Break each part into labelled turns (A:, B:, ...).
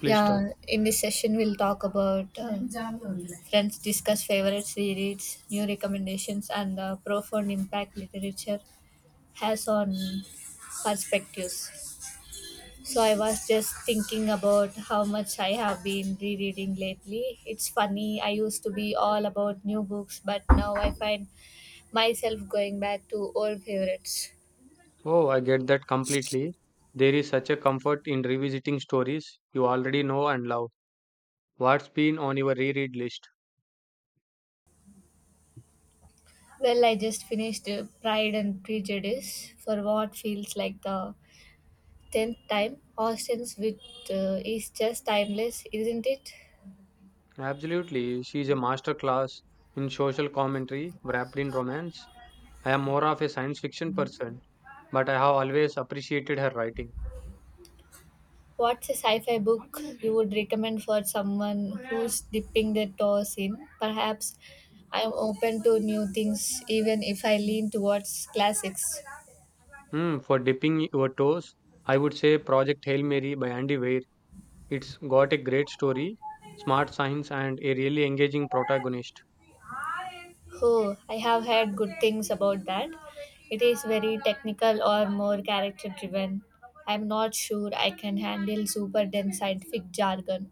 A: Please
B: Yeah,
A: start.
B: in this session, we'll talk about friends discuss favorite series, new recommendations, and the profound impact literature has on perspectives. So, I was just thinking about how much I have been rereading lately. It's funny, I used to be all about new books, but now I find myself going back to old favorites.
A: Oh, I get that completely. There is such a comfort in revisiting stories you already know and love. What's been on your reread list?
B: Well, I just finished Pride and Prejudice for what feels like the tenth time. Austin's with is just timeless, isn't it?
A: Absolutely, she's a master class in social commentary wrapped in romance. I am more of a science fiction person, but I have always appreciated her writing.
B: What's a sci-fi book you would recommend for someone who's dipping their toes in? Perhaps I'm open to new things, even if I lean towards classics.
A: Hmm, for dipping your toes, I would say Project Hail Mary by Andy Weir. It's got a great story, smart science, and a really engaging protagonist.
B: Oh, I have heard good things about that. It is very technical or more character-driven. I'm not sure I can handle super dense scientific jargon.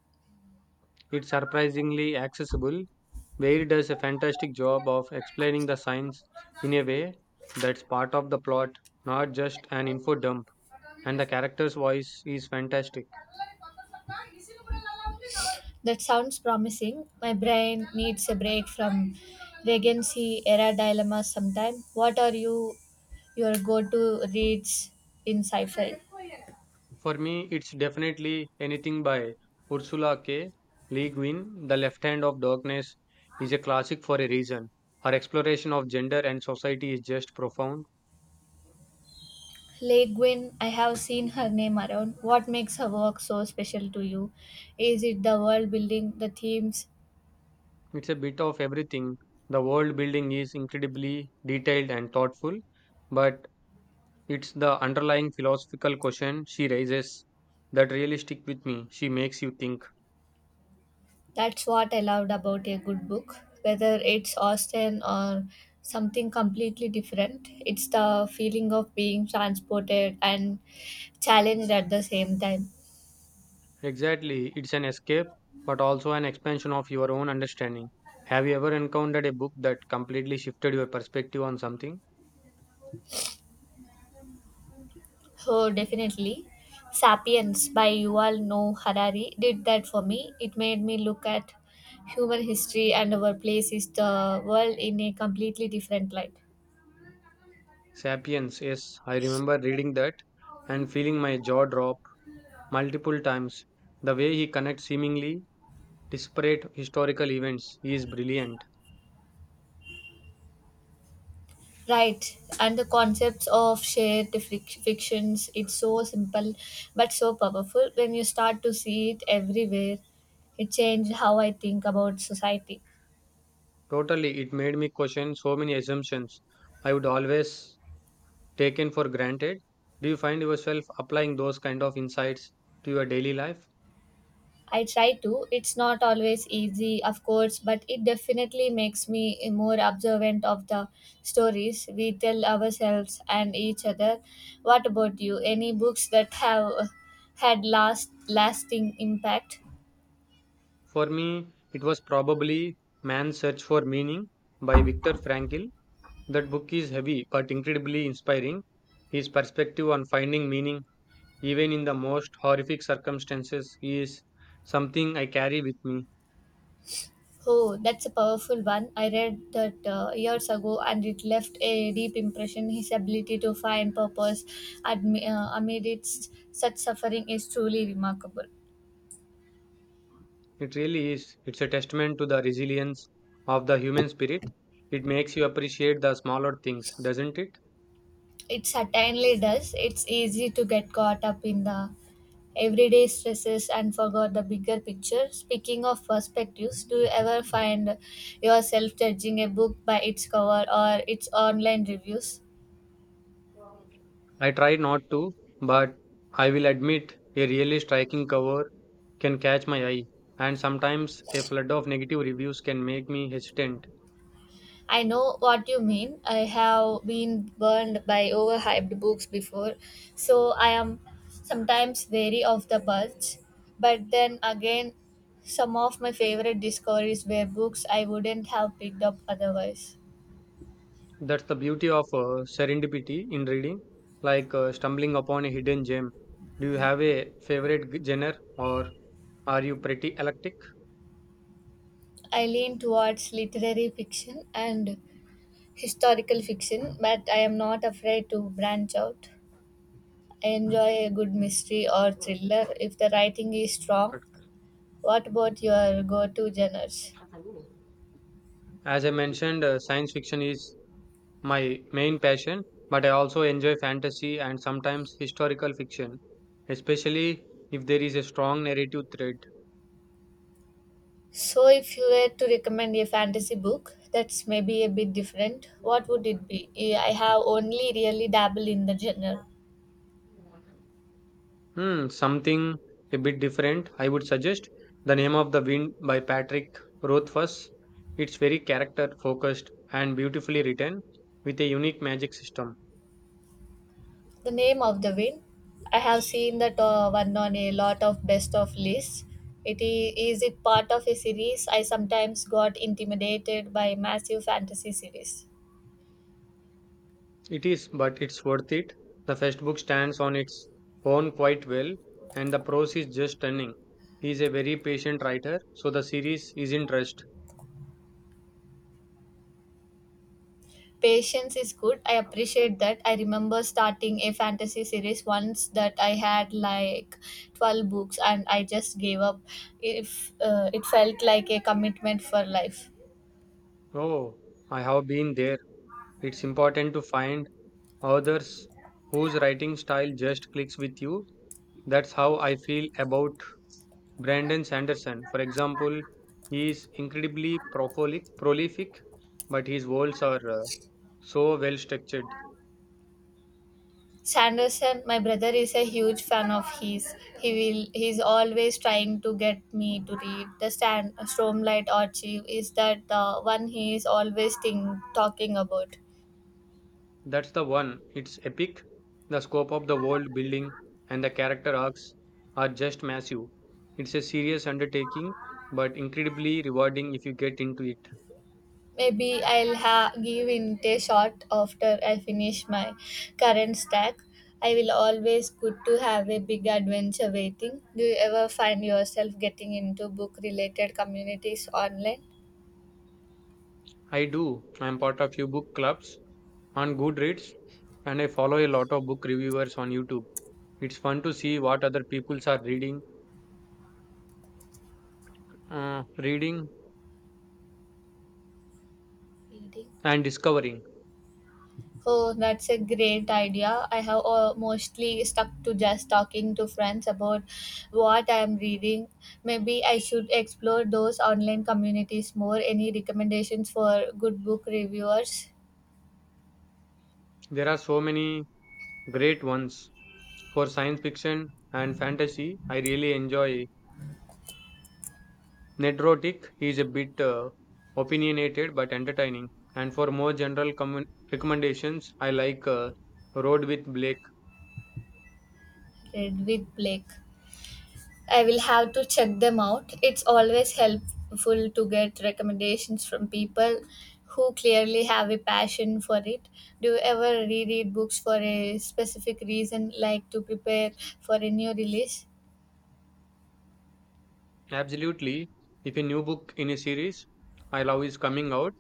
A: It's surprisingly accessible, where it does a fantastic job of explaining the science in a way that's part of the plot, not just an info dump. And the character's voice is fantastic.
B: That sounds promising. My brain needs a break from regency era dilemmas sometime. What are your go-to reads in sci-fi?
A: For me, it's definitely anything by Ursula K. Le Guin. The Left Hand of Darkness is a classic for a reason. Her exploration of gender and society is just profound.
B: Lei Guin, I have seen her name around. What makes her work so special to you? Is it the world building, the themes?
A: It's a bit of everything. The world building is incredibly detailed and thoughtful, but it's the underlying philosophical question she raises that really stick with me. She makes you think.
B: That's what I loved about a good book. Whether it's Austen or something completely different, it's the feeling of being transported and challenged at the same time.
A: Exactly, it's an escape, but also an expansion of your own understanding. Have you ever encountered a book that completely shifted your perspective on something?
B: Oh, definitely. Sapiens by Yuval Noah Harari did that for me. It made me look at human history and our place in the world in a completely different light.
A: Sapiens, yes, I remember reading that and feeling my jaw drop multiple times. The way he connects seemingly disparate historical events is brilliant.
B: Right, and the concepts of fictions, it's so simple but so powerful. When you start to see it everywhere, it changed how I think about society.
A: Totally, it made me question so many assumptions I would always taken for granted. Do you find yourself applying those kind of insights to your daily life?
B: I try to. It's not always easy, of course, but it definitely makes me more observant of the stories we tell ourselves and each other. What about you? Any books that have had lasting impact?
A: For me, it was probably Man's Search for Meaning by Viktor Frankl. That book is heavy but incredibly inspiring. His perspective on finding meaning even in the most horrific circumstances is something I carry with me.
B: Oh, that's a powerful one. I read that years ago and it left a deep impression. His ability to find purpose amid its such suffering is truly remarkable.
A: It really is. It's a testament to the resilience of the human spirit. It makes you appreciate the smaller things, doesn't it?
B: It certainly does. It's easy to get caught up in the everyday stresses and forgot the bigger picture. Speaking of perspectives, do you ever find yourself judging a book by its cover or its online reviews?
A: I try not to, but I will admit a really striking cover can catch my eye, and sometimes a flood of negative reviews can make me hesitant.
B: I know what you mean. I have been burned by overhyped books before, so I am sometimes wary of the buzz. But then again, some of my favorite discoveries were books I wouldn't have picked up otherwise.
A: That's the beauty of serendipity in reading, like stumbling upon a hidden gem. Do you have a favorite genre, or are you pretty eclectic?
B: I lean towards literary fiction and historical fiction, but I am not afraid to branch out. I enjoy a good mystery or thriller if the writing is strong. What about your go to genres?
A: As I mentioned, science fiction is my main passion, but I also enjoy fantasy and sometimes historical fiction, especially if there is a strong narrative thread.
B: So, if you were to recommend a fantasy book that's maybe a bit different, what would it be? Eh, I have only really dabbled in the genre.
A: Hmm, something a bit different, I would suggest. The Name of the Wind by Patrick Rothfuss. It's very character focused and beautifully written with a unique magic system.
B: The name of the wind. I have seen that one on a lot of best of lists. Is it part of a series? I sometimes got intimidated by massive fantasy series.
A: It is, but it's worth it. The first book stands on its own quite well, and the prose is just stunning. He is a very patient writer, so the series is in trust.
B: Patience is good. I appreciate that. I remember starting a fantasy series once that I had like 12 books and I just gave up. If it felt like a commitment for life.
A: Oh, I have been there. It's important to find authors whose writing style just clicks with you. That's how I feel about Brandon Sanderson. For example, he is incredibly prolific, but his worlds are so well structured.
B: Sanderson, my brother is a huge fan of his. He's always trying to get me to read the Stan Stormlight Archive. Is that the one he is always talking about?
A: That's the one. It's epic. The scope of the world building and the character arcs are just massive. It's a serious undertaking, but incredibly rewarding if you get into it.
B: Maybe give in a shot after I finish my current stack. I will always good to have a big adventure waiting. Do you ever find yourself getting into book related communities online?
A: I do. I'm part of few book clubs on Goodreads, and I follow a lot of book reviewers on YouTube. It's fun to see what other peoples are reading, uh, reading
B: Reading.
A: and discovering.
B: Oh, that's a great idea. I have mostly stuck to just talking to friends about what I am reading. Maybe I should explore those online communities more. Any recommendations for good book reviewers?
A: There are so many great ones for science fiction and fantasy. I really enjoy Nedrotic. He's a bit opinionated but entertaining. And for more general commen recommendations, I like Road with Blake.
B: Read with Blake. I will have to check them out. It's always helpful to get recommendations from people who clearly have a passion for it. Do you ever reread books for a specific reason, like to prepare for a new release?
A: Absolutely. If a new book in a series I love is coming out,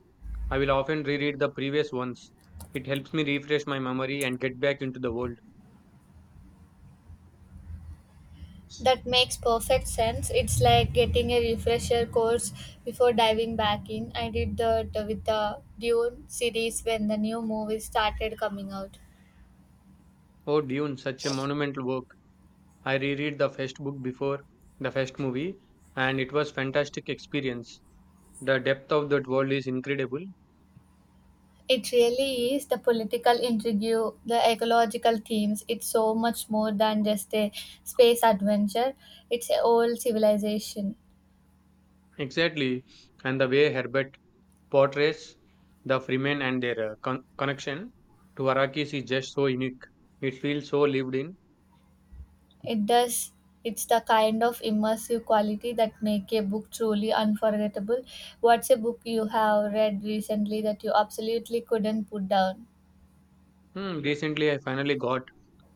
A: I will often reread the previous ones. It helps me refresh my memory and get back into the world.
B: That makes perfect sense. It's like getting a refresher course before diving back in. I did that with the Dune series when the new movies started coming out.
A: Oh, Dune, such a monumental work. I reread the first book before the first movie and it was fantastic experience. The depth of that world is incredible.
B: It really is the political intrigue, the ecological themes. It's so much more than just a space adventure, it's a whole civilization.
A: Exactly. And the way Herbert portrays the Freemen and their connection to Arakis is just so unique. It feels so lived in.
B: It does. It's the kind of immersive quality that make a book truly unforgettable. What's a book you have read recently that you absolutely couldn't put down?
A: Hmm, recently, I finally got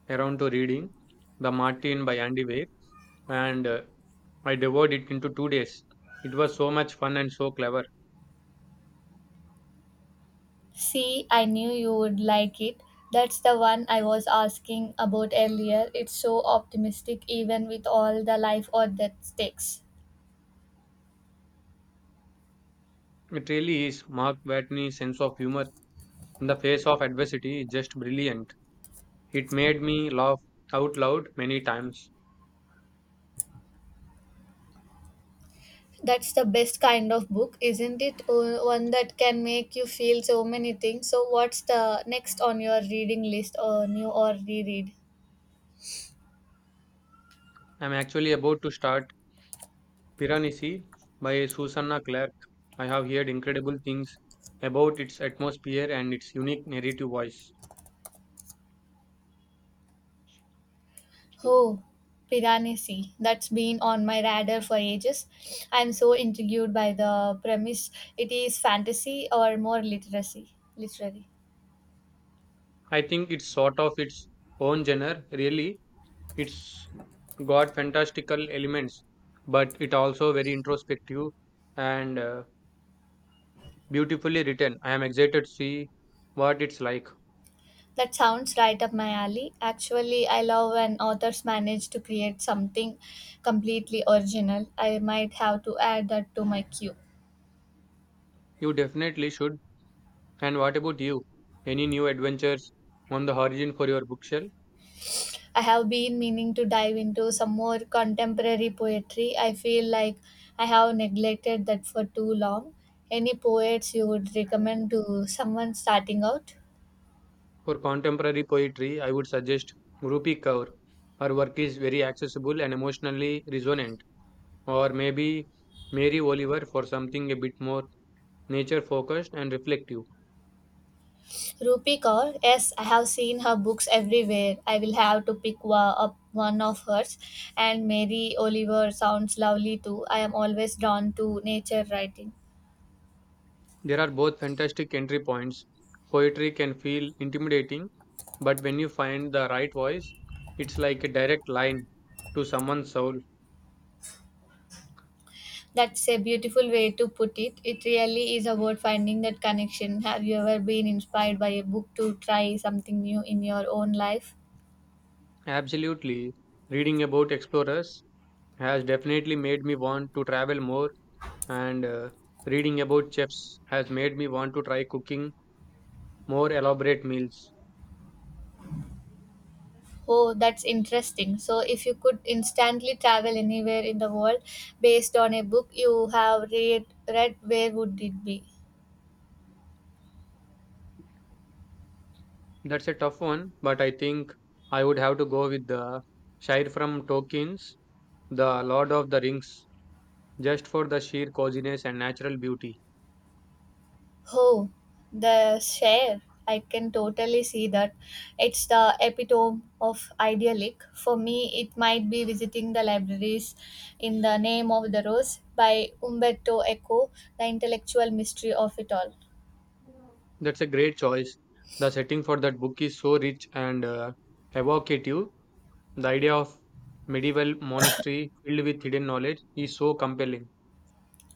A: around to reading The Martin by Andy Weir, and I devoured it into 2 days. It was so much fun and so clever.
B: See, I knew you would like it. That's the one I was asking about earlier. It's so optimistic even with all the life or death stakes.
A: It really is. Mark Watney's sense of humor in the face of adversity is just brilliant. It made me laugh out loud many times.
B: That's the best kind of book, isn't it? One that can make you feel so many things. So what's the next on your reading list or new or reread?
A: I'm actually about to start Piranesi by Susanna Clark. I have heard incredible things about its atmosphere and its unique narrative voice.
B: Oh, Piranesi. That's been on my radar for ages. I'm so intrigued by the premise. It is fantasy or more literary.
A: I think it's sort of its own genre, really. It's got fantastical elements, but it also very introspective and beautifully written. I am excited to see what it's like.
B: That sounds right up my alley. Actually, I love when authors manage to create something completely original. I might have to add that to my queue.
A: You definitely should. And what about you? Any new adventures on the horizon for your bookshelf?
B: I have been meaning to dive into some more contemporary poetry. I feel like I have neglected that for too long. Any poets you would recommend to someone starting out?
A: For contemporary poetry, I would suggest Rupi Kaur. Her work is very accessible and emotionally resonant. Or maybe Mary Oliver for something a bit more nature focused and reflective.
B: Rupi Kaur, yes, I have seen her books everywhere. I will have to up one of hers. And Mary Oliver sounds lovely too. I am always drawn to nature writing.
A: There are both fantastic entry points. Poetry can feel intimidating, but when you find the right voice, it's like a direct line to someone's soul.
B: That's a beautiful way to put it. It really is about finding that connection. Have you ever been inspired by a book to try something new in your own life?
A: Absolutely. Reading about explorers has definitely made me want to travel more, and reading about chefs has made me want to try cooking more elaborate meals.
B: Oh, that's interesting. So, if you could instantly travel anywhere in the world based on a book you have read where would it be?
A: That's a tough one, but I think I would have to go with the Shire from Tolkien's The Lord of the Rings, just for the sheer coziness and natural beauty.
B: Oh, the share. I can totally see that. It's the epitome of idyllic. For me, it might be visiting the libraries in the Name of the Rose by Umberto Eco, the intellectual mystery of it all.
A: That's a great choice. The setting for that book is so rich and evocative. The idea of medieval monastery filled with hidden knowledge is so compelling.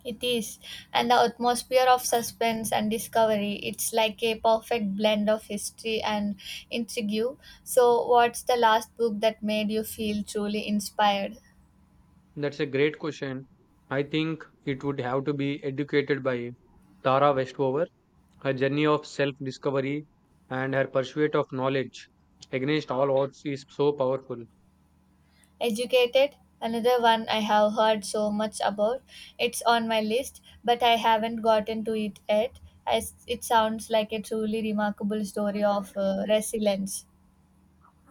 B: It is, and the atmosphere of suspense and discovery. It's like a perfect blend of history and intrigue. So, what's the last book that made you feel truly inspired?
A: That's a great question. I think it would have to be Educated by Tara Westover. Her journey of self discovery and her pursuit of knowledge against all odds is so powerful.
B: Educated, another one I have heard so much about. It's on my list, but I haven't gotten to it yet. As it sounds like a truly remarkable story of resilience.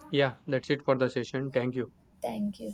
A: Yeah, that's it for the session. Thank you.
B: Thank you.